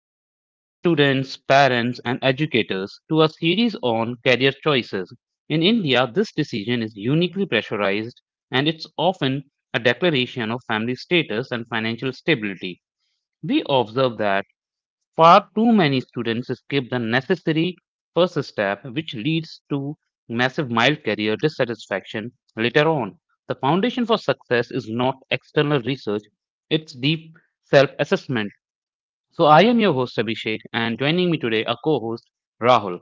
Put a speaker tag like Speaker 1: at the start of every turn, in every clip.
Speaker 1: welcome, students, parents, and educators, to a series on career choices. In India, this decision is uniquely pressurized and it's often a declaration of family status and financial stability. We observe that far too many students skip the necessary first step, which leads to massive mild career dissatisfaction later on. The foundation for success is not external research, it's deep self assessment. So I am your host Abhishek, and joining me today, a co-host Rahul.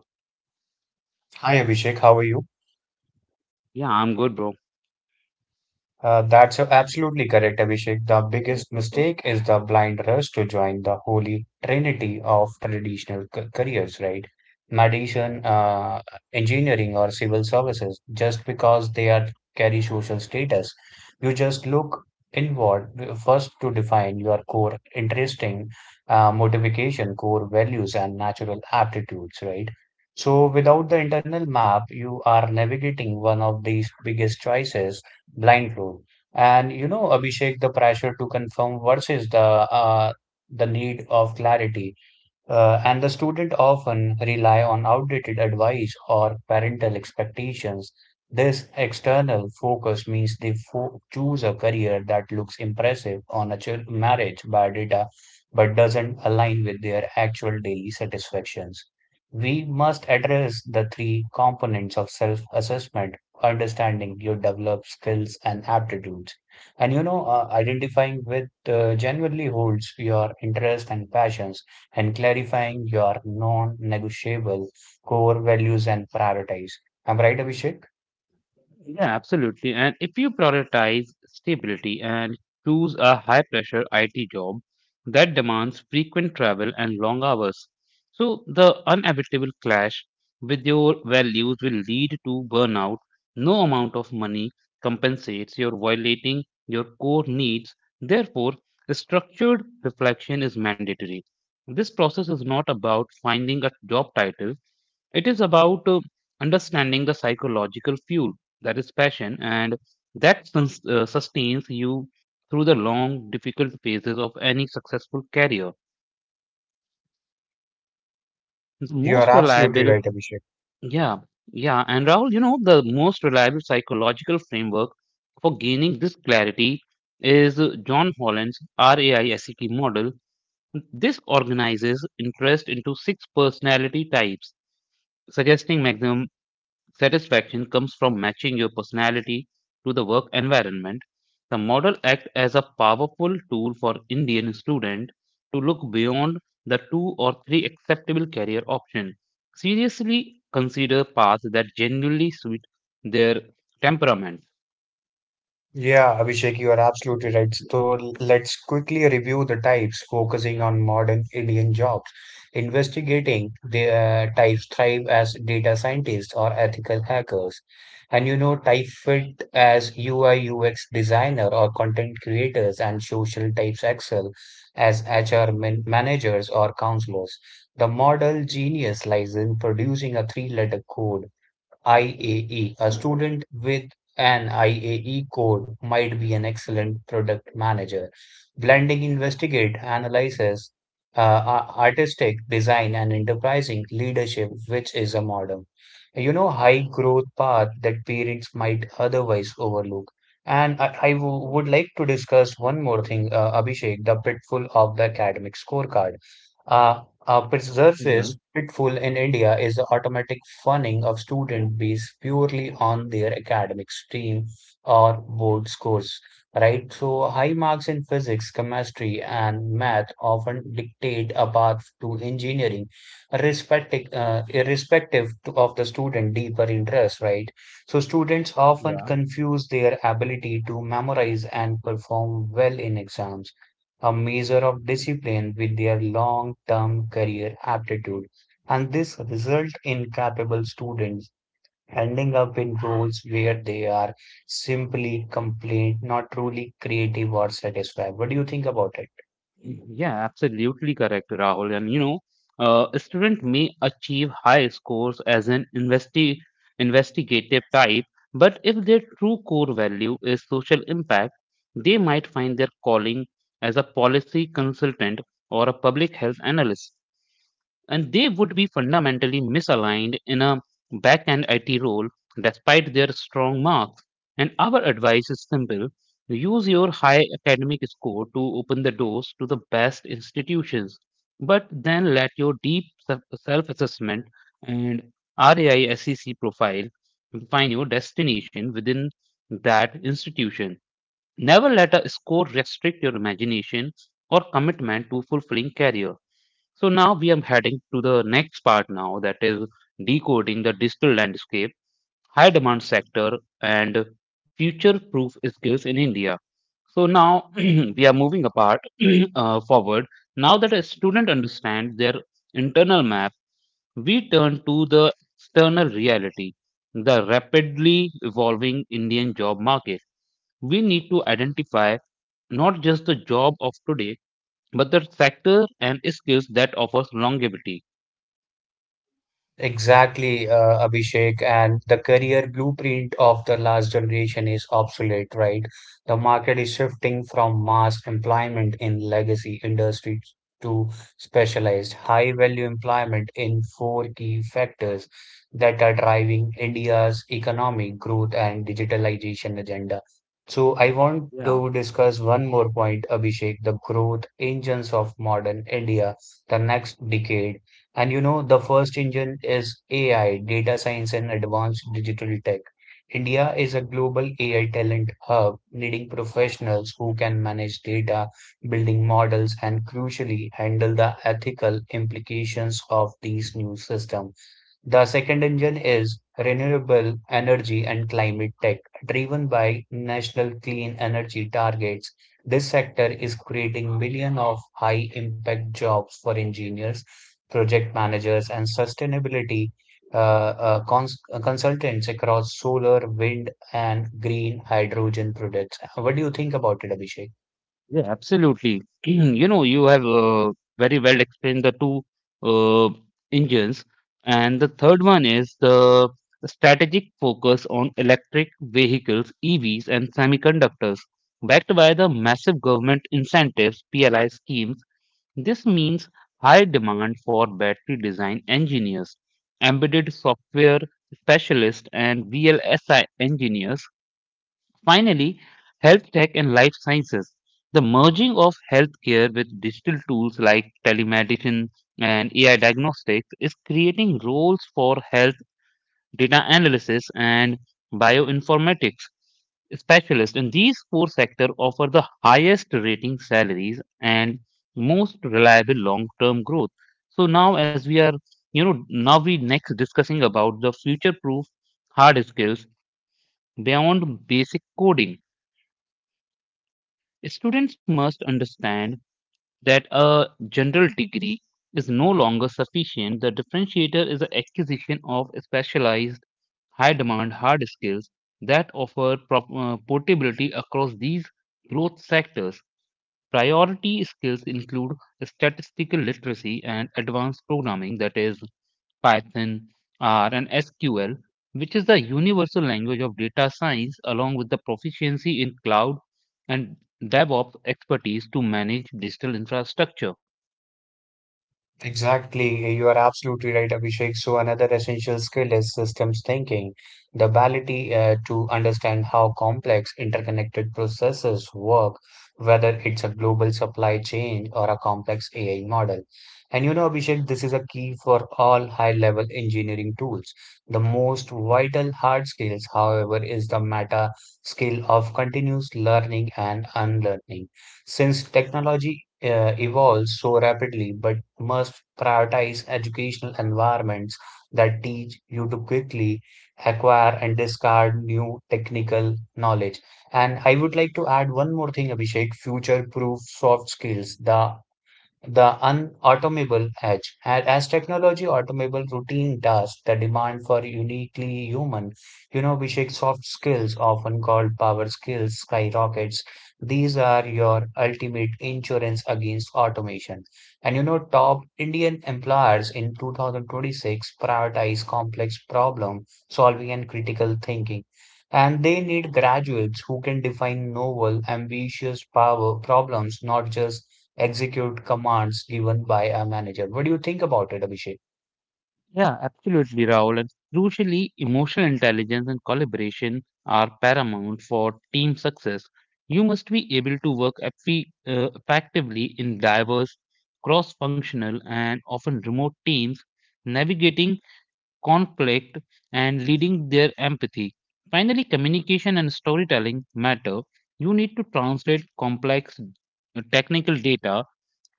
Speaker 2: Hi Abhishek, how are you?
Speaker 1: Yeah, I'm good, bro.
Speaker 2: That's absolutely correct, Abhishek. The biggest mistake is the blind rush to join the holy trinity of traditional careers, right? Medicine, engineering, or civil services, just because they are carry social status. You just look inward first to define your core interesting motivation, core values, and natural aptitudes, right? So, without the internal map, you are navigating one of these biggest choices blindfold. And you know, Abhishek, the pressure to confirm versus the need of clarity. And the student often rely on outdated advice or parental expectations. This external focus means they choose a career that looks impressive on a marriage by data but doesn't align with their actual daily satisfactions. We must address the three components of self assessment understanding your developed skills and aptitudes. And you know, identifying with genuinely holds your interest and passions and clarifying your non-negotiable core values and prioritize. I'm right, Abhishek?
Speaker 1: Yeah, absolutely. And if you prioritize stability and choose a high pressure IT job that demands frequent travel and long hours, so the inevitable clash with your values will lead to burnout. No amount of money compensates your violating your core needs. Therefore, the structured reflection is mandatory. This process is not about finding a job title, it is about understanding the psychological fuel that is passion and that sustains you through the long, difficult phases of any successful career.
Speaker 2: You are
Speaker 1: Most
Speaker 2: absolutely
Speaker 1: reliable,
Speaker 2: right, Abhishek.
Speaker 1: yeah, yeah. And Rahul, you know, the most reliable psychological framework for gaining this clarity is John Holland's RAISET model. This organizes interest into six personality types, suggesting maximum satisfaction comes from matching your personality to the work environment. The model acts as a powerful tool for Indian students to look beyond the two or three acceptable career options. Seriously consider paths that genuinely suit their temperament.
Speaker 2: Yeah, Abhishek, you are absolutely right. So let's quickly review the types, focusing on modern Indian jobs. Investigating the types thrive as data scientists or ethical hackers. And you know, type fit as UI UX designer or content creators, and social types excel as HR man managers or counselors. The model genius lies in producing a three-letter code IAE. A E. A student with an IAE code might be an excellent product manager. Blending investigate analyzes uh, artistic design and enterprising leadership, which is a modern, you know, high growth path that parents might otherwise overlook. And I would like to discuss one more thing, Abhishek, the pitfall of the academic scorecard. A
Speaker 1: Yeah.
Speaker 2: preserves pitfall in India is the automatic funding of student based purely on their academic stream or board scores, right? So high marks in physics, chemistry, and math often dictate a path to engineering, irrespective to, of the student deeper interest, right? So students often confuse their ability to memorize and perform well in exams a measure of discipline with their long-term career aptitude, and this result in capable students ending up in roles where they are simply complaint, not truly creative or satisfied. What do you think about it?
Speaker 1: Yeah, absolutely correct, Rahul. And you know, a student may achieve high scores as an investigative type, but if their true core value is social impact, they might find their calling as a policy consultant or a public health analyst and they would be fundamentally misaligned in a back-end IT role despite their strong marks. And our advice is simple. Use your high academic score to open the doors to the best institutions, but then let your deep self-assessment and RAI SEC profile define your destination within that institution. Never let a score restrict your imagination or commitment to fulfilling career. So now we are heading to the next part now, that is decoding the digital landscape, high demand sector and future proof skills in India. So now we are moving apart forward. Now that a student understands their internal map, we turn to the external reality, the rapidly evolving Indian job market. We need to identify not just the job of today, but the sector and skills that offers longevity.
Speaker 2: Exactly, Abhishek, and the career blueprint of the last generation is obsolete, right? The market is shifting from mass employment in legacy industries to specialized high value employment in four key factors that are driving India's economic growth and digitalization agenda. So, I want
Speaker 1: Yeah,
Speaker 2: to discuss one more point, Abhishek, the growth engines of modern India, the next decade and you know, the first engine is AI, data science and advanced digital tech. India is a global AI talent hub, needing professionals who can manage data, building models, and crucially handle the ethical implications of these new systems. The second engine is renewable energy and climate tech, driven by national clean energy targets. This sector is creating millions of high impact jobs for engineers, project managers, and sustainability consultants across solar, wind, and green hydrogen projects. What do you think about it, Abhishek?
Speaker 1: yeah, absolutely. You know, you have very well explained the two uh, engines, and the third one is the strategic focus on electric vehicles, EVs, and semiconductors, backed by the massive government incentives (PLI) schemes. This means high demand for battery design engineers, embedded software specialists, and VLSI engineers. Finally, health tech and life sciences. The merging of healthcare with digital tools like telemedicine and AI diagnostics is creating roles for health data analysis and bioinformatics specialists in these four sectors offer the highest rating salaries and most reliable long-term growth. So now as we are, you know, now we next discussing about the future-proof hard skills beyond basic coding. Students must understand that a general degree is no longer sufficient. The differentiator is the acquisition of specialized, high demand hard skills that offer portability across these growth sectors. Priority skills include statistical literacy and advanced programming, that is, Python, R, and SQL, which is the universal language of data science, along with the proficiency in cloud and DevOps expertise to manage digital infrastructure.
Speaker 2: Exactly, you are absolutely right, Abhishek. So another essential skill is systems thinking, the ability to understand how complex interconnected processes work, whether it's a global supply chain or a complex AI model. And you know, Abhishek, this is a key for all high-level engineering tools. The most vital hard skills, however, is the meta skill of continuous learning and unlearning. Since technology evolves so rapidly, but must prioritize educational environments that teach you to quickly acquire and discard new technical knowledge. And I would like to add one more thing, Abhishek, future-proof soft skills. The unautomable edge. And as technology automable routine tasks, the demand for uniquely human, you know, Vishek soft skills, often called power skills, skyrockets. These are your ultimate insurance against automation. And you know, top Indian employers in 2026 prioritize complex problem solving and critical thinking. And they need graduates who can define novel, ambitious power problems, not just execute commands given by a manager. What do you think about it, Abhishek?
Speaker 1: Yeah, absolutely, Rahul. And crucially, emotional intelligence and collaboration are paramount for team success. You must be able to work effectively in diverse, cross functional, and often remote teams, navigating conflict and leading their empathy. Finally, communication and storytelling matter. You need to translate complex technical data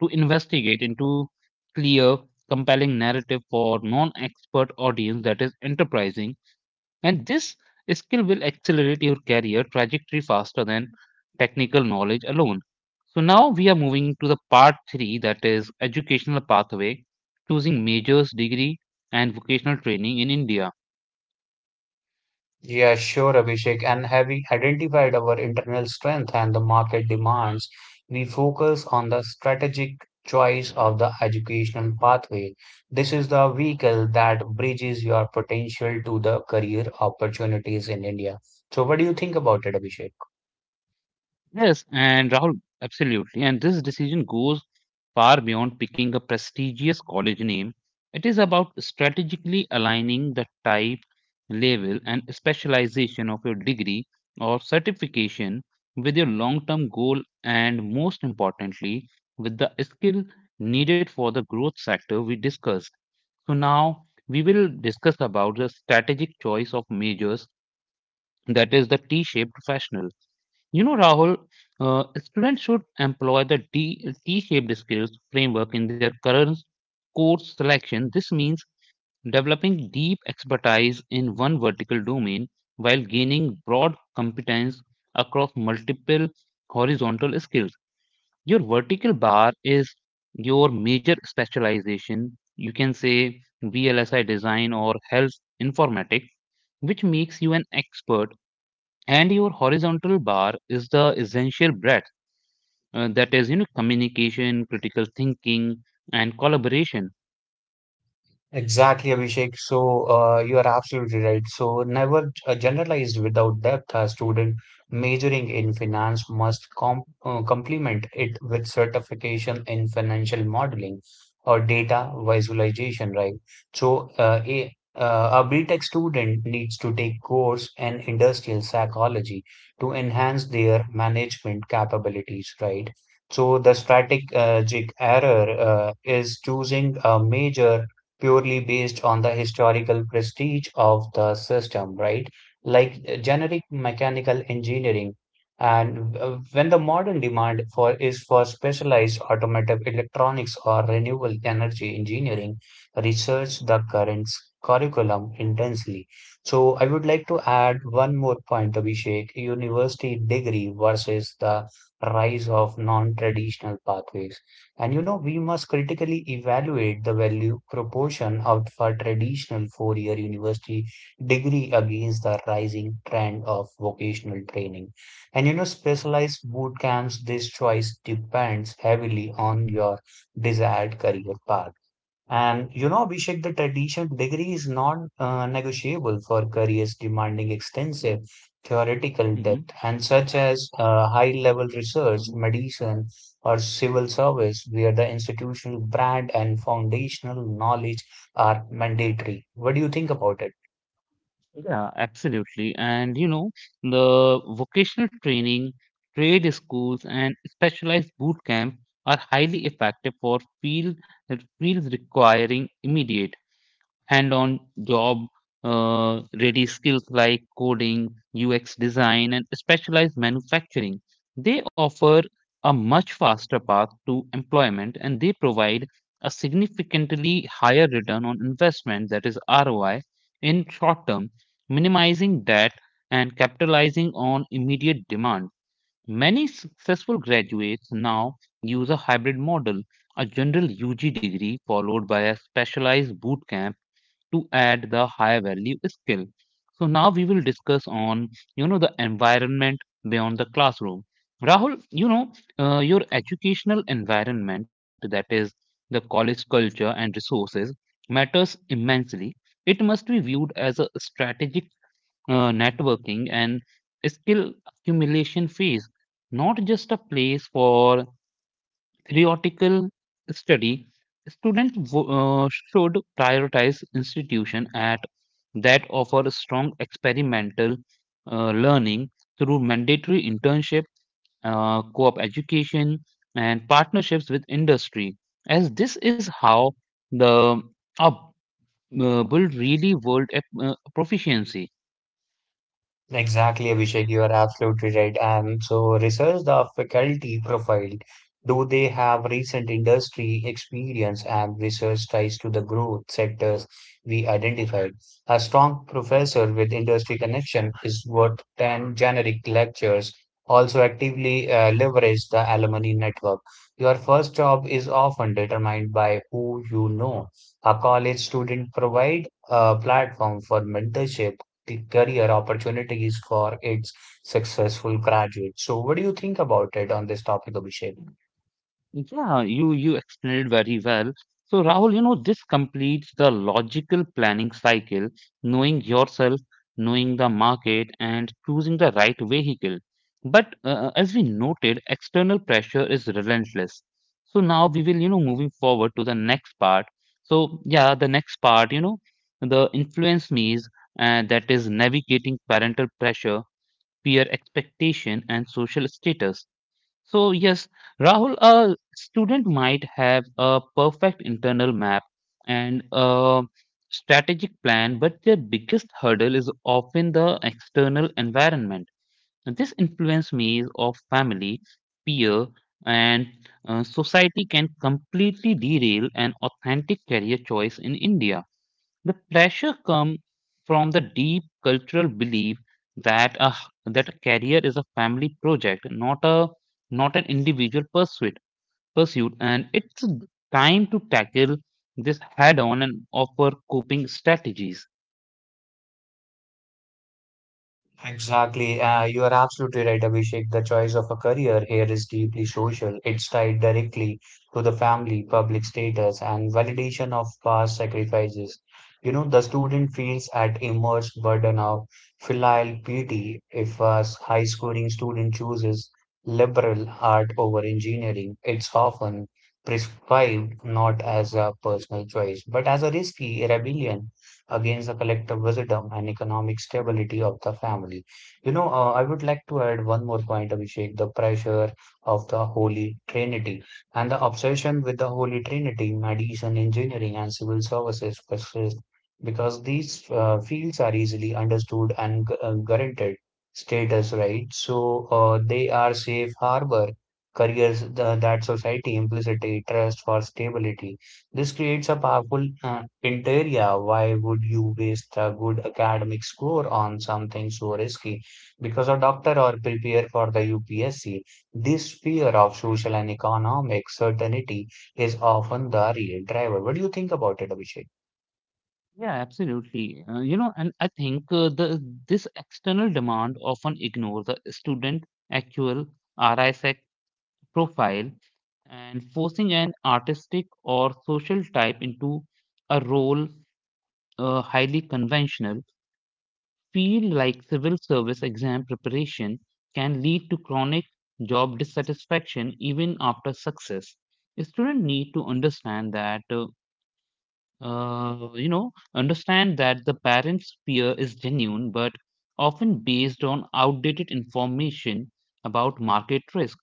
Speaker 1: to investigate into clear, compelling narrative for non-expert audience that is enterprising. And this skill will accelerate your career trajectory faster than technical knowledge alone. So now we are moving to the part three, that is educational pathway, choosing majors, degree, and vocational training in India.
Speaker 2: Yeah, sure, Abhishek. And having identified our internal strength and the market demands, we focus on the strategic choice of the educational pathway. This is the vehicle that bridges your potential to the career opportunities in India. So, what do you think about it, Abhishek?
Speaker 1: Yes, and Rahul, absolutely. And this decision goes far beyond picking a prestigious college name. It is about strategically aligning the type, level, and specialization of your degree or certification with your long term goal and, most importantly, with the skill needed for the growth sector we discussed. So, now we will discuss about the strategic choice of majors, that is the T shaped professional. You know, Rahul, students should employ the T-shaped skills framework in their current course selection. This means developing deep expertise in one vertical domain while gaining broad competence across multiple horizontal skills. Your vertical bar is your major specialization. You can say VLSI design or health informatics, which makes you an expert, and your horizontal bar is the essential breadth, that is, you know, communication, critical thinking, and collaboration.
Speaker 2: Exactly, Abhishek. So you are absolutely right. So never generalized without depth. A student majoring in finance must complement it with certification in financial modeling or data visualization, right? So a BTech student needs to take course in industrial psychology to enhance their management capabilities, right? So the strategic error is choosing a major purely based on the historical prestige of the system, right? Like generic mechanical engineering. And when the modern demand for is for specialized automotive electronics or renewable energy engineering, research the current curriculum intensely. So I would like to add one more point, Abhishek, university degree versus the rise of non-traditional pathways. And you know, we must critically evaluate the value proportion of a traditional four-year university degree against the rising trend of vocational training. And you know, specialized boot camps, this choice depends heavily on your desired career path. And you know, Abhishek, the traditional degree is non negotiable for careers demanding extensive theoretical
Speaker 1: Mhm.
Speaker 2: depth, and such as high level research, medicine, or civil service, where the institutional brand and foundational knowledge are mandatory. What do you think about it?
Speaker 1: Yeah, absolutely. And you know, the vocational training, trade schools and specialized boot camps are highly effective for fields requiring immediate hand-on job ready skills like coding, UX design, and specialized manufacturing. They offer a much faster path to employment and they provide a significantly higher return on investment, that is ROI, in short term, minimizing debt and capitalizing on immediate demand. Many successful graduates now use a hybrid model, a general UG degree followed by a specialized boot camp to add the high value skill. So now we will discuss on, you know, the environment beyond the classroom. Rahul, you know, your educational environment, that is the college culture and resources, matters immensely. It must be viewed as a strategic networking and skill accumulation phase, not just a place for theoretical study. Students should prioritize institution at that offer strong experimental learning through mandatory internship, co-op education, and partnerships with industry, as this is how the up build really world proficiency.
Speaker 2: Exactly, Abhishek, you are absolutely right. And so, research the faculty profile. Do they have recent industry experience and research ties to the growth sectors we identified? A strong professor with industry connection is worth 10 generic lectures. Also, actively leverage the alumni network. Your first job is often determined by who you know. A college student provide a platform for mentorship the career opportunities for its successful graduates. So, what do you think about it on this topic, Abhishek?
Speaker 1: Yeah, you explained it very well. So Rahul, you know, this completes the logical planning cycle, knowing yourself, knowing the market, and choosing the right vehicle. But as we noted, external pressure is relentless. So now we will, you know, moving forward to the next part. So yeah, the next part, you know, the influence means, that is navigating parental pressure, peer expectation, and social status. So, yes, Rahul, a student might have a perfect internal map and a strategic plan, but their biggest hurdle is often the external environment. And this influence means of family, peer, and society can completely derail an authentic career choice in India. The pressure comes from the deep cultural belief that a, that a career is a family project, not an individual pursuit. Pursuit, and it's time to tackle this head on and offer coping strategies.
Speaker 2: Exactly. You are absolutely right, Abhishek. The choice of a career here is deeply social. It's tied directly to the family, public status, and validation of past sacrifices. You know, the student feels at immense burden of filial piety if a high-scoring student chooses liberal art over engineering. It's often prescribed not as a personal choice, but as a risky rebellion against the collective wisdom and economic stability of the family. You know, I would like to add one more point, Abhishek, the pressure of the Holy Trinity and the obsession with the Holy Trinity, medicine, engineering, and civil services persist because these fields are easily understood and guaranteed status, right? So they are safe harbor careers the, that society implicitly trusts for stability this creates a powerful interior. Why would you waste a good academic score on something so risky? Because a doctor or prepare for the UPSC, this fear of social and economic certainty is often the real driver. What do you think about it, Abhishek?
Speaker 1: Yeah, absolutely. You know, and I think the this external demand often ignores the student actual RISEC profile and forcing an artistic or social type into a role highly conventional, feel like civil service exam preparation can lead to chronic job dissatisfaction even after success. Students need to understand that, you know, understand that the parents' fear is genuine but often based on outdated information about market risk.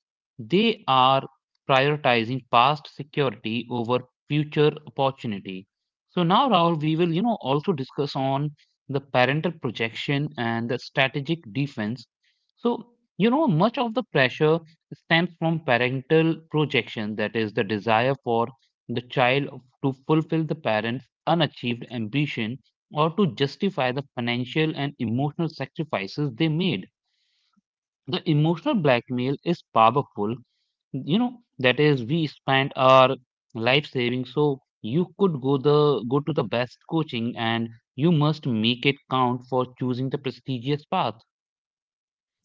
Speaker 1: They are prioritizing past security over future opportunity. So now, Rahul, we will, you know, also discuss on the parental projection and the strategic defense. So, you know, much of the pressure stems from parental projection, that is, the desire for the child to fulfill the parent's unachieved ambition or to justify the financial and emotional sacrifices they made. The emotional blackmail is powerful, you know, that is, we spent our life saving so you could go to the best coaching and you must make it count for choosing the prestigious path.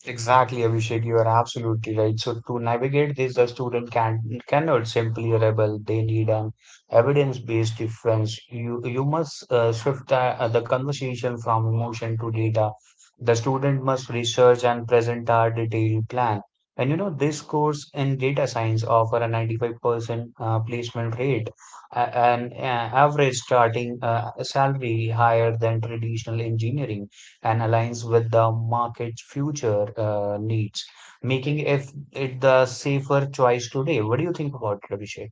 Speaker 2: Exactly, Abhishek, you are absolutely right. So to navigate this, the student can cannot simply rebel. They need an evidence-based difference. You must shift the conversation from emotion to data. The student must research and present a detailed plan. And you know, this course in data science offer a 95% placement rate, a- an average starting salary higher than traditional engineering and aligns with the market's future needs, making if it the safer choice today. What do you think about it, Abhishek?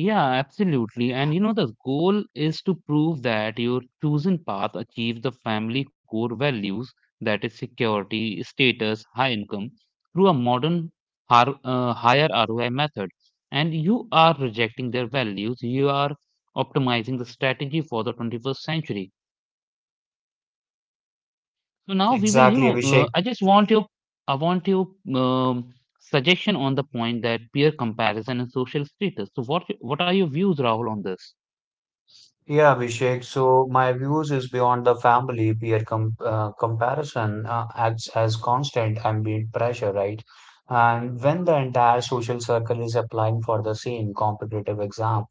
Speaker 1: Yeah, absolutely. And you know, the goal is to prove that your chosen path achieves the family core values, that is security, status, high income, through a modern higher ROI method, and you are rejecting their values, you are optimizing the strategy for the 21st century. So now we will, you
Speaker 2: Exactly,
Speaker 1: know,
Speaker 2: Abhishek.
Speaker 1: I just want your, I want your um, suggestion on the point that peer comparison and social status. So what are your views, Rahul, on this?
Speaker 2: Yeah, Abhishek. So my views is beyond the family peer comparison acts as constant ambient pressure, right? And when the entire social circle is applying for the same competitive exam,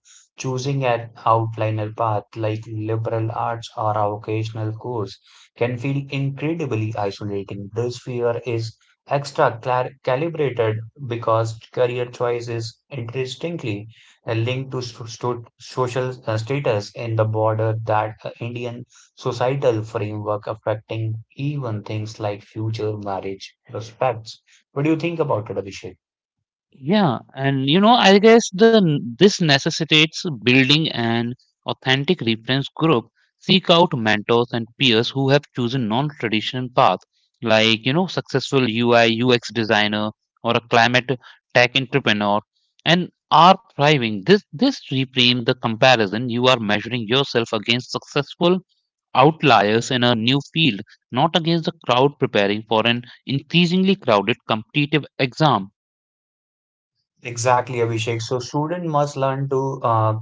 Speaker 2: choosing an outliner path like liberal arts or a vocational course can feel incredibly isolating. This fear is extra clar calibrated because career choice is distinctly linked to social status in the border that Indian societal framework affecting even things like future marriage prospects. What do you think about it, Abhishek?
Speaker 1: Yeah, and you know, I guess the this necessitates building an authentic reference group. Seek out mentors and peers who have chosen non-traditional path, like you know, successful UI UX designer or a climate tech entrepreneur, and are thriving. This reframe the comparison. You are measuring yourself against successful outliers in a new field, not against the crowd preparing for an increasingly crowded competitive exam.
Speaker 2: Exactly, Abhishek. So student must learn to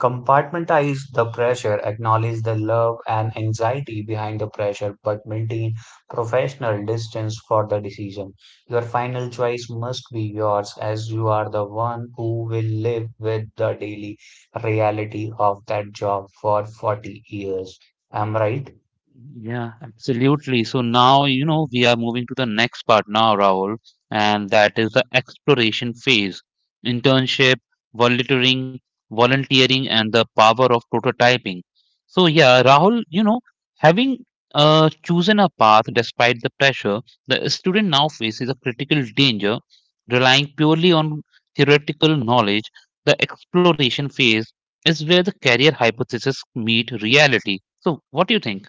Speaker 2: compartmentalize the pressure, acknowledge the love and anxiety behind the pressure, but maintain professional distance for the decision. Your final choice must be yours, as you are the one who will live with the daily reality of that job for 40 years. Am I right.
Speaker 1: Yeah, absolutely. So now, you know, we are moving to the next part now, Rahul, and that is the exploration phase, internship, volunteering, volunteering, and the power of prototyping. So yeah, Rahul, you know, having chosen a path despite the pressure, the student now faces a critical danger, relying purely on theoretical knowledge. The exploration phase is where the career hypothesis meet reality. So what do you think?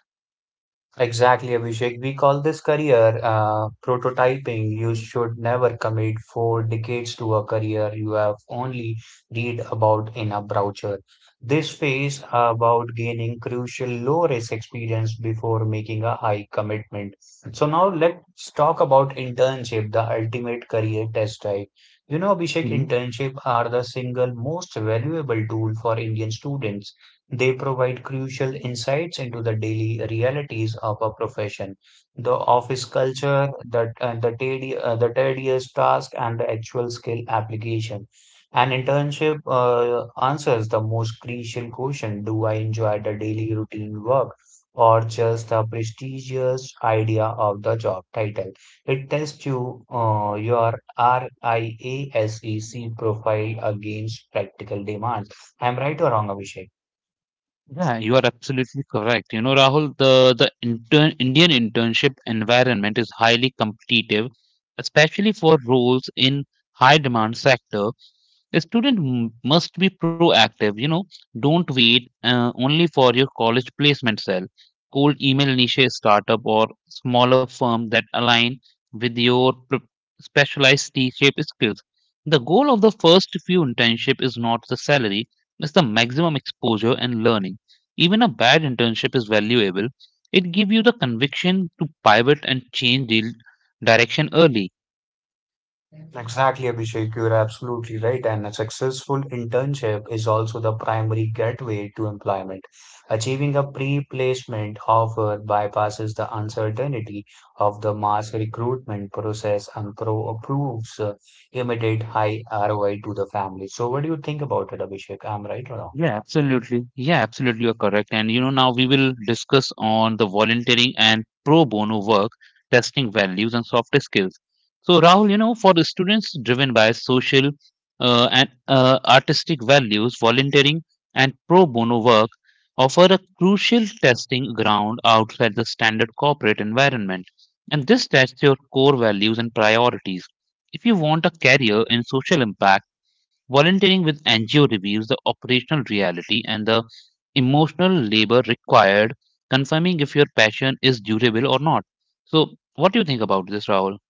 Speaker 2: Exactly, Abhishek. We call this career prototyping. You should never commit four decades to a career you have only read about in a brochure. This phase about gaining crucial low-risk experience before making a high commitment. So now let's talk about internship, the ultimate career test drive. You know, Abhishek,
Speaker 1: Mhm.
Speaker 2: internship are the single most valuable tool for Indian students. They provide crucial insights into the daily realities of a profession, the office culture, the tedious task, and the actual skill application. An internship answers the most crucial question. Do I enjoy the daily routine work or just the prestigious idea of the job title? It tests you your RIASEC profile against practical demands. I'm right or wrong, Abhishek?
Speaker 1: Yeah, you are absolutely correct. You know, Rahul, the Indian internship environment is highly competitive, especially for roles in high demand sector. A student must be proactive, you know, don't wait only for your college placement cell. Cold email niche startup or smaller firm that align with your specialized T-shaped skills. The goal of the first few internship is not the salary, it's the maximum exposure and learning. Even a bad internship is valuable. It gives you the conviction to pivot and change direction early.
Speaker 2: Exactly, Abhishek, you're absolutely right. And a successful internship is also the primary gateway to employment. Achieving a pre-placement offer bypasses the uncertainty of the mass recruitment process and pro approves immediate high ROI to the family. So, what do you think about it, Abhishek? I'm right or wrong?
Speaker 1: Yeah, absolutely. Yeah, absolutely. You're correct. And you know, now we will discuss on the volunteering and pro bono work, testing values and soft skills. So, Rahul, you know, for the students driven by social and artistic values, volunteering and pro bono work offer a crucial testing ground outside the standard corporate environment. And this tests your core values and priorities. If you want a career in social impact, volunteering with NGO reveals the operational reality and the emotional labor required, confirming if your passion is durable or not. So, what do you think about this, Rahul?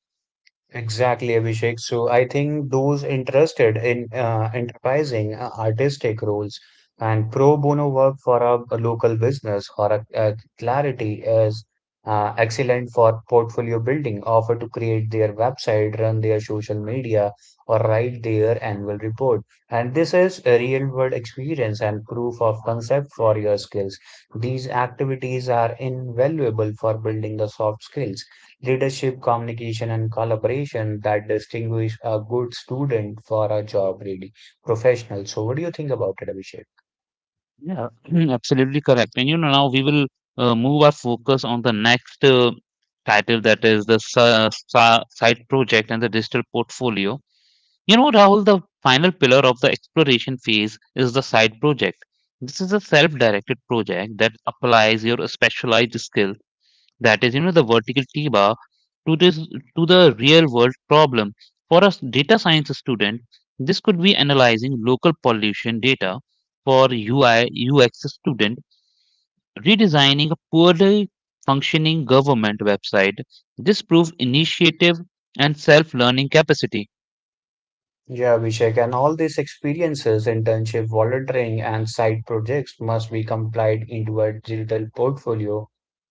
Speaker 2: Exactly, Abhishek. So I think those interested in enterprising artistic roles and pro bono work for a local business or a clarity is excellent for portfolio building. Offer to create their website, run their social media, or write their annual report. And this is a real world experience and proof of concept for your skills. These activities are invaluable for building the soft skills: leadership, communication, and collaboration that distinguish a good student for a job ready professional. So, what do you think about it, Abhishek?
Speaker 1: Yeah, absolutely correct. And you know, now we will move our focus on the next title, that is the side project and the digital portfolio. You know, Rahul, the final pillar of the exploration phase is the side project. This is a self directed project that applies your specialized skill, that is, you know, the vertical t bar, to this, to the real world problem. For a data science student, this could be analyzing local pollution data. For ui ux student, redesigning a poorly functioning government website. This proves initiative and self learning capacity.
Speaker 2: Yeah, Abhishek, and all these experiences, internship, volunteering, and side projects must be compiled into a digital portfolio.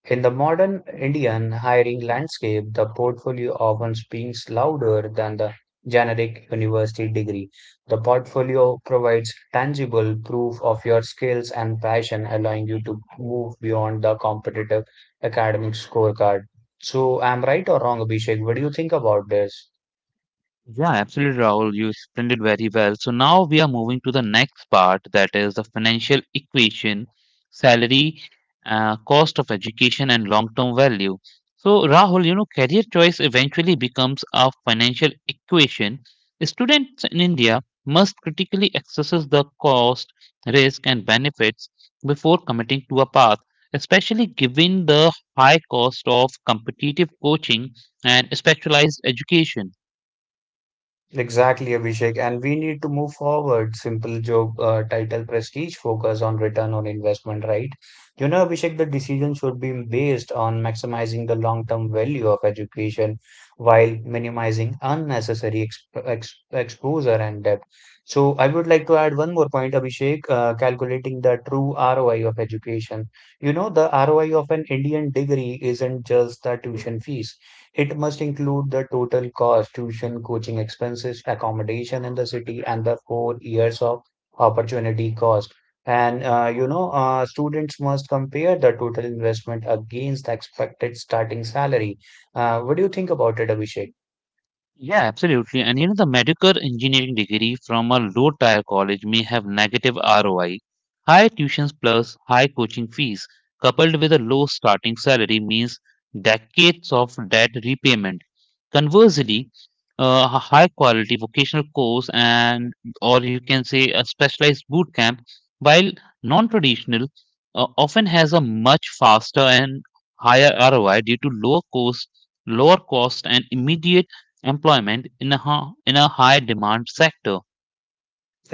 Speaker 2: In the modern Indian hiring landscape, the portfolio often speaks louder than the generic university degree. The portfolio provides tangible proof of your skills and passion, allowing you to move beyond the competitive academic scorecard. So, I'm right or wrong, Abhishek? What do you think about this?
Speaker 1: Yeah, absolutely, Rahul. You explained it very well. So now we are moving to the next part, that is the financial equation, salary, cost of education, and long-term value. So, Rahul, you know, career choice eventually becomes a financial equation. Students in India must critically assess the cost, risk, and benefits before committing to a path, especially given the high cost of competitive coaching and specialized education.
Speaker 2: Exactly, Abhishek. And we need to move forward. Simple job title prestige focus on return on investment, right? You know, Abhishek, the decision should be based on maximizing the long-term value of education while minimizing unnecessary exposure and debt. So I would like to add one more point, Abhishek, calculating the true ROI of education. You know, the ROI of an Indian degree isn't just the tuition fees. It must include the total cost: tuition, coaching expenses, accommodation in the city, and the four years of opportunity cost. And you know, students must compare the total investment against the expected starting salary. What do you think about it, Abhishek?
Speaker 1: Yeah, absolutely. And you know, the medical engineering degree from a low tier college may have negative ROI. High tuitions plus high coaching fees coupled with a low starting salary means decades of debt repayment. Conversely, a high quality vocational course, and or you can say a specialized boot camp, while non-traditional, often has a much faster and higher ROI due to lower cost and immediate employment in a in a high demand sector.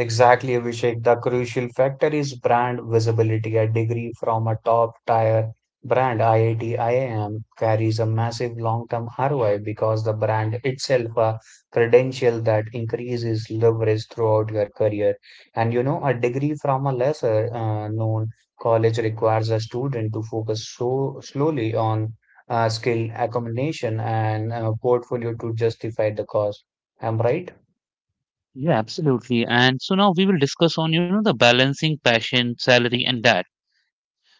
Speaker 2: Exactly, Abhishek. The crucial factor is brand visibility. A degree from a top tier brand, IIT, IIM, carries a massive long-term ROI because the brand itself a credential that increases leverage throughout your career. And you know, a degree from a lesser known college requires a student to focus so slowly on skill accumulation and portfolio to justify the cost. Am I right?
Speaker 1: Yeah, absolutely. And so now we will discuss on, you know, the balancing passion, salary, and that.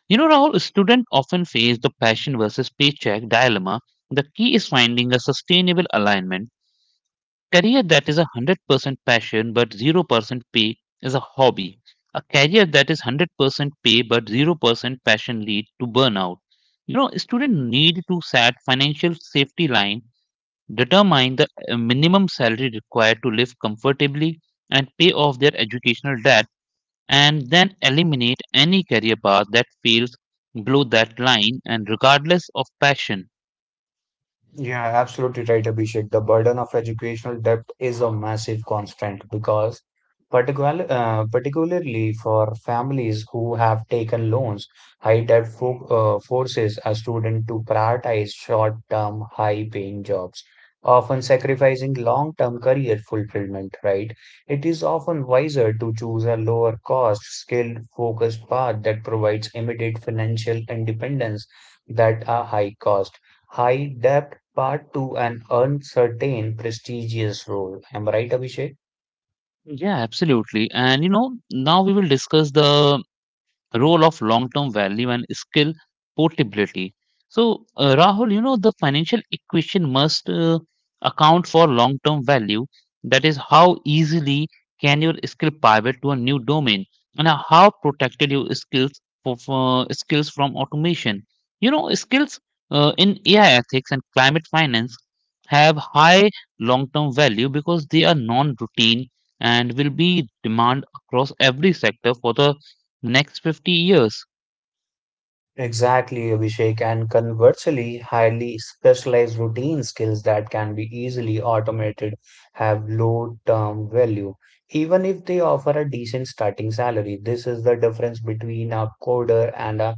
Speaker 1: You know, Rahul, students often face the passion versus paycheck dilemma. The key is finding a sustainable alignment. Career that is 100% passion but 0% pay is a hobby. A career that is 100% pay but 0% passion lead to burnout. You know, students need to set financial safety line, determine the minimum salary required to live comfortably, and pay off their educational debt, and then eliminate any career path that feels below that line and regardless of passion.
Speaker 2: Yeah, absolutely right, Abhishek. The burden of educational debt is a massive constant because particularly for families who have taken loans, high debt fo forces a student to prioritize short-term, high-paying jobs, often sacrificing long-term career fulfillment, right? It is often wiser to choose a lower cost, skilled, focused path that provides immediate financial independence that a high cost high debt part two, an uncertain, prestigious role. Am I right, Abhishek?
Speaker 1: Yeah, absolutely. And you know, now we will discuss the role of long-term value and skill portability. So, Rahul, you know, the financial equation must account for long-term value. That is, how easily can your skill pivot to a new domain, and how protected your skills for skills from automation. You know, skills in AI ethics and climate finance have high long-term value because they are non-routine and will be demand across every sector for the next 50 years.
Speaker 2: Exactly, Abhishek, and conversely, highly specialized routine skills that can be easily automated have low term value, even if they offer a decent starting salary. This is the difference between a coder and a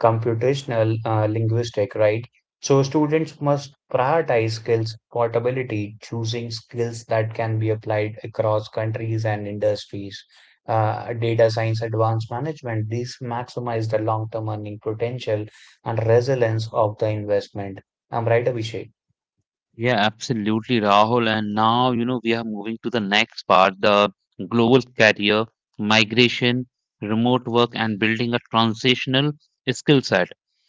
Speaker 2: computational linguistic, right? So, students must prioritize skills portability, choosing skills that can be applied across countries and industries. Data science advanced management, these maximize the long-term earning potential and resilience of the investment. I'm right, Abhishek?
Speaker 1: Yeah, absolutely, Rahul. And now, you know, we are moving to the next part, the global career, migration, remote work, and building a transitional skill set.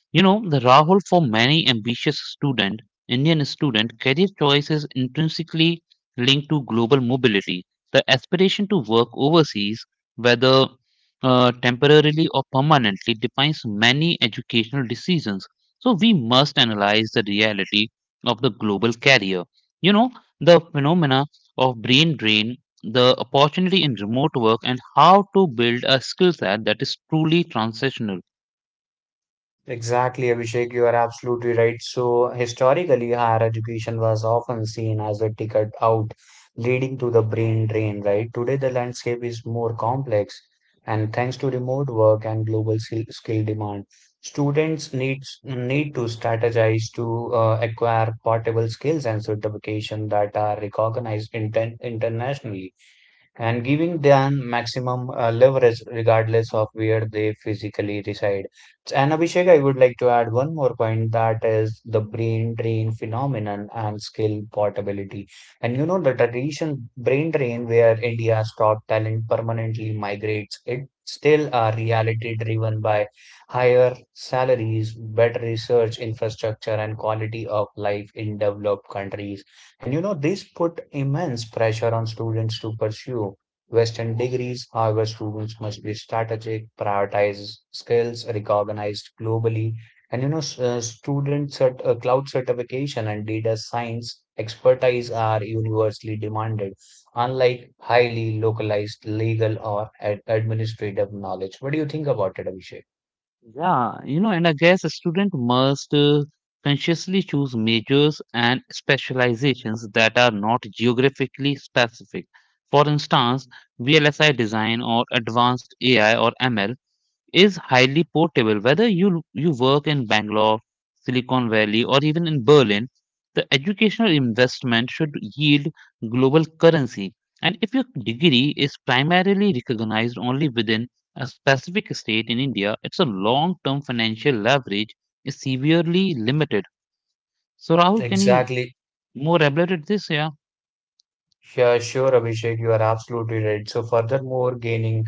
Speaker 1: You know, the Rahul, for many ambitious student, Indian student, career choice is intrinsically linked to global mobility. The aspiration to work overseas, whether temporarily or permanently, defines many educational decisions. So we must analyze the reality of the global carrier. You know, the phenomena of brain drain, the opportunity in remote work, and how to build a skill set that is truly transitional.
Speaker 2: Exactly, Abhishek, you are absolutely right. So, historically, higher education was often seen as a ticket out, leading to the brain drain, right? Today, the landscape is more complex, and thanks to remote work and global skill demand, students need to strategize to acquire portable skills and certification that are recognized internationally and giving them maximum leverage regardless of where they physically reside. And Abhishek, I would like to add one more point, that is the brain drain phenomenon and skill portability. And you know, the tradition brain drain where India's top talent permanently migrates, it still a reality driven by higher salaries, better research infrastructure, and quality of life in developed countries. And you know, this put immense pressure on students to pursue Western degrees. However, students must be strategic, prioritize skills recognized globally. And you know, cloud certification and data science expertise are universally demanded, unlike highly localized legal or administrative knowledge. What do you think about it, Abhishek?
Speaker 1: Yeah, you know, and I guess a student must consciously choose majors and specializations that are not geographically specific. For instance, VLSI design or advanced AI or ML is highly portable. Whether you work in Bangalore, Silicon Valley, or even in Berlin, the educational investment should yield global currency. And if your degree is primarily recognized only within a specific state in India, it's a long-term financial leverage is severely limited. So Rahul, can you
Speaker 2: Exactly.
Speaker 1: more elaborate this? Yeah.
Speaker 2: Yeah, sure, Abhishek, you are absolutely right. So, furthermore, gaining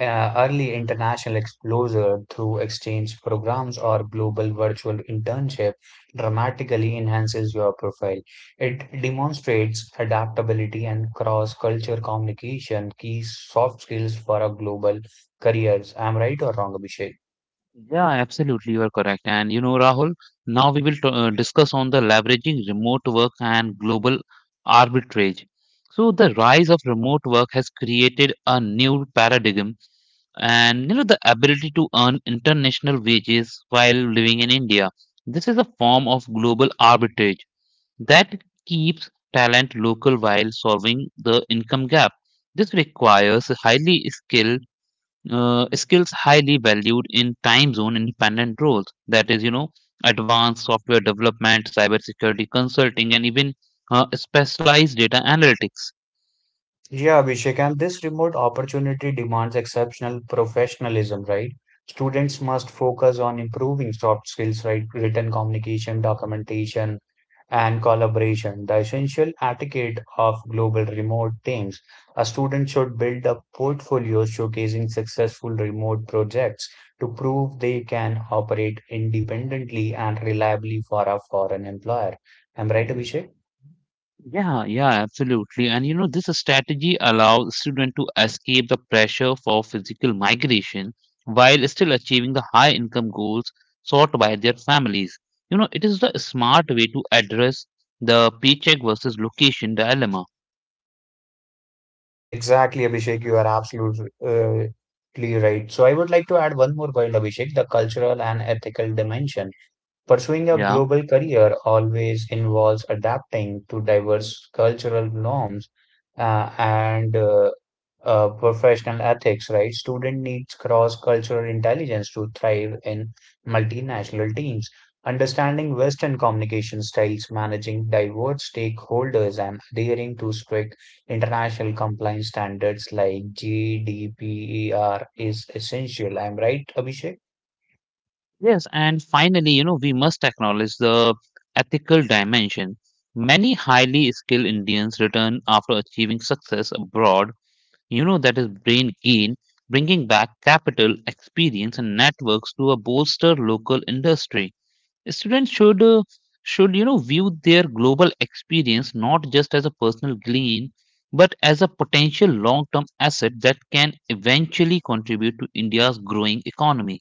Speaker 2: early international exposure through exchange programs or global virtual internship dramatically enhances your profile. It demonstrates adaptability and cross-culture communication, key soft skills for a global careers. I'm right or wrong, Abhishek?
Speaker 1: Yeah, absolutely, you are correct. And you know, Rahul, now we will discuss on the leveraging remote work and global arbitrage. So the rise of remote work has created a new paradigm, and you know, the ability to earn international wages while living in India. This is a form of global arbitrage that keeps talent local while solving the income gap. This requires highly skilled skills highly valued in time zone independent roles. That is, you know, advanced software development, cybersecurity consulting, and even specialized data analytics.
Speaker 2: Yeah, Abhishek, and this remote opportunity demands exceptional professionalism, right? Students must focus on improving soft skills, right? Written communication, documentation, and collaboration, the essential etiquette of global remote teams. A student should build a portfolio showcasing successful remote projects to prove they can operate independently and reliably for a foreign employer. Am I right, Abhishek?
Speaker 1: Yeah, yeah, absolutely. And you know, this strategy allows students to escape the pressure for physical migration while still achieving the high income goals sought by their families. You know, it is the smart way to address the paycheck versus location dilemma.
Speaker 2: Exactly, Abhishek. You are absolutely right. So, I would like to add one more point, Abhishek, the cultural and ethical dimension. Pursuing a
Speaker 1: Yeah.
Speaker 2: global career always involves adapting to diverse cultural norms and professional ethics, right? Student needs cross-cultural intelligence to thrive in multinational teams. Understanding Western communication styles, managing diverse stakeholders, and adhering to strict international compliance standards like GDPR is essential. I'm right, Abhishek?
Speaker 1: Yes, and finally, you know, we must acknowledge the ethical dimension. Many highly skilled Indians return after achieving success abroad, you know, that is brain gain, bringing back capital, experience, and networks to a bolster local industry. Students should, you know, view their global experience not just as a personal gain, but as a potential long term asset that can eventually contribute to India's growing economy.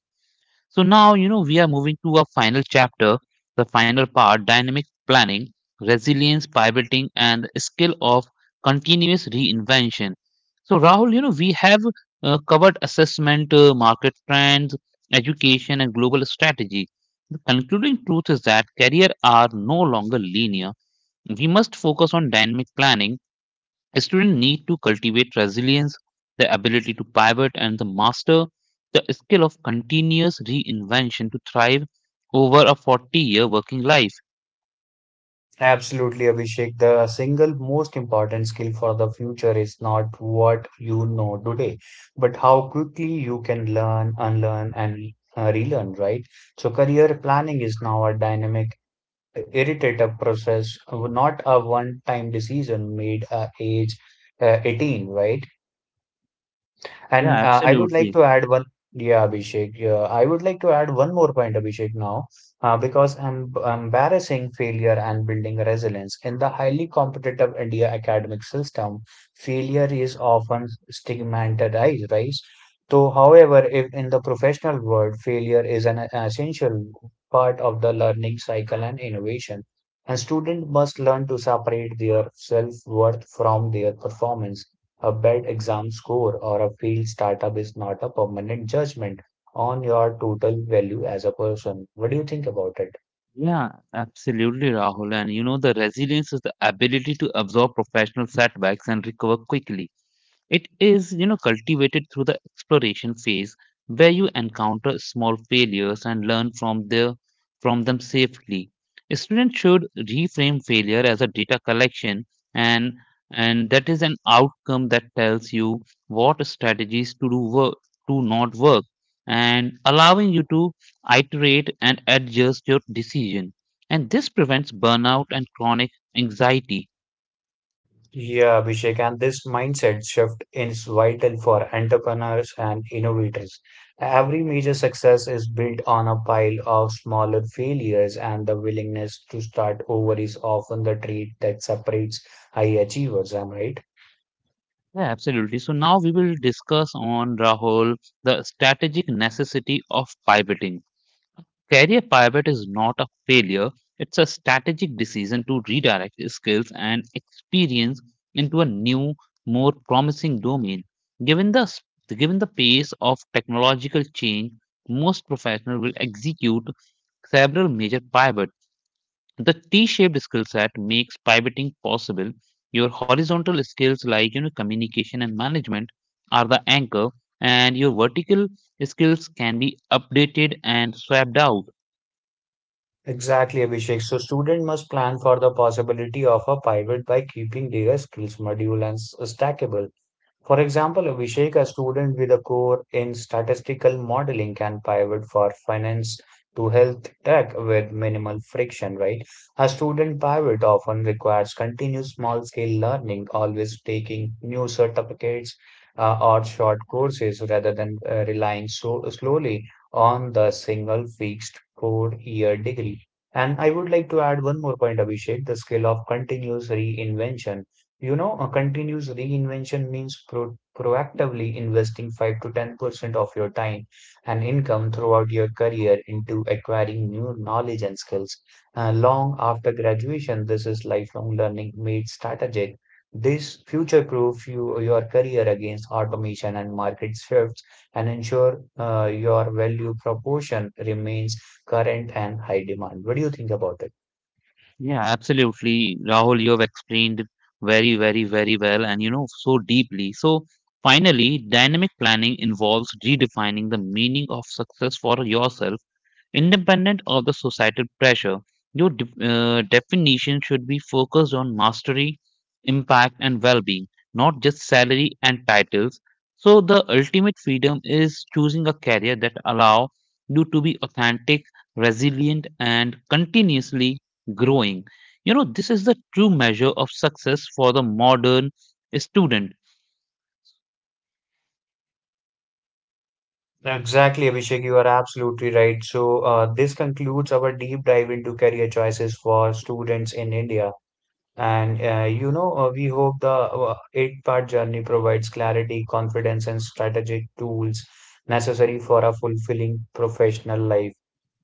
Speaker 1: So now, you know, we are moving to a final chapter, the final part dynamic planning, resilience, pivoting, and skill of continuous reinvention. So, Rahul, you know, we have covered assessment, market trends, education, and global strategy. The concluding truth is that careers are no longer linear. We must focus on dynamic planning. Students need to cultivate resilience, the ability to pivot, and the master the skill of continuous reinvention to thrive over a 40-year working life.
Speaker 2: Absolutely, Abhishek. The single most important skill for the future is not what you know today, but how quickly you can learn, unlearn, and relearn, right? So, career planning is now a dynamic, iterative process, not a one-time decision made at age 18, right?
Speaker 1: Yeah,
Speaker 2: And I would like
Speaker 1: absolutely.
Speaker 2: to add one, yeah, Abhishek. Yeah, I would like to add one more point, Abhishek, now, because embarrassing failure and building resilience. In the highly competitive India academic system, failure is often stigmatized, right? So, however, if in the professional world, failure is an essential part of the learning cycle and innovation, and students must learn to separate their self-worth from their performance. A bad exam score or a failed startup is not a permanent judgment on your total value as a person. What do you think about it?
Speaker 1: Yeah, absolutely, Rahul. And you know, the resilience is the ability to absorb professional setbacks and recover quickly. It is, you know, cultivated through the exploration phase where you encounter small failures and learn from the from them safely. Students should reframe failure as a data collection and and that is an outcome that tells you what strategies to do work, to not work, and allowing you to iterate and adjust your decision. And this prevents burnout and chronic anxiety.
Speaker 2: Yeah, Abhishek, and this mindset shift is vital for entrepreneurs and innovators. Every major success is built on a pile of smaller failures, and the willingness to start over is often the trait that separates high achievers. Am I right?
Speaker 1: Yeah, absolutely. So now we will discuss on Rahul the strategic necessity of pivoting. Career pivot is not a failure, it's a strategic decision to redirect skills and experience into a new, more promising domain. Given the s- Given the pace of technological change, most professionals will execute several major pivots. The t-shaped skill set makes pivoting possible. Your horizontal skills, like you know, communication and management, are the anchor, and your vertical skills can be updated and swapped out.
Speaker 2: Exactly, Abhishek. So student must plan for the possibility of a pivot by keeping their skills module and stackable. For example, Abhishek, a student with a core in statistical modeling, can pivot for finance to health tech with minimal friction, right? A student pivot often requires continuous small scale learning, always taking new certificates or short courses rather than relying so slowly on the single fixed four-year degree. And I would like to add one more point, Abhishek, the skill of continuous reinvention. You know, a continuous reinvention means proactively investing 5 to 10% of your time and income throughout your career into acquiring new knowledge and skills. Long after graduation, this is lifelong learning made strategic. This future-proof you, your career against automation and market shifts and ensure your value proportion remains current and high demand. What do you think about it?
Speaker 1: Yeah, absolutely, Rahul, you have explained it very very well, and you know, so deeply. So finally, dynamic planning involves redefining the meaning of success for yourself. Independent of the societal pressure, your definition should be focused on mastery, impact, and well being, not just salary and titles. So, the ultimate freedom is choosing a career that allows you to be authentic, resilient, and continuously growing. You know, this is the true measure of success for the modern student.
Speaker 2: Exactly, Abhishek, you are absolutely right. So, this concludes our deep dive into career choices for students in India. And, you know, we hope the eight-part journey provides clarity, confidence, and strategic tools necessary for a fulfilling professional life.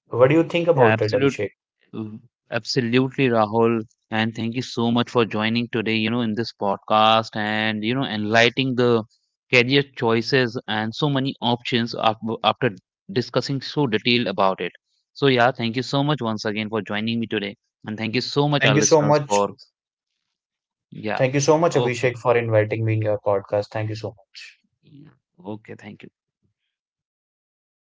Speaker 2: What do you think
Speaker 1: Yeah,
Speaker 2: about it, Abhishek?
Speaker 1: absolutely. Mm, absolutely, Rahul. And thank you so much for joining today, you know, in this podcast and, you know, enlightening the career choices and so many options after discussing so detailed about it. So, yeah, thank you so much once again for joining me today. And thank you so much, our
Speaker 2: Thank you so
Speaker 1: listeners, for,
Speaker 2: much.
Speaker 1: yeah,
Speaker 2: Thank you so much, Abhishek,
Speaker 1: okay.
Speaker 2: for inviting me in your podcast. Thank you so much.
Speaker 1: Yeah, okay, thank you.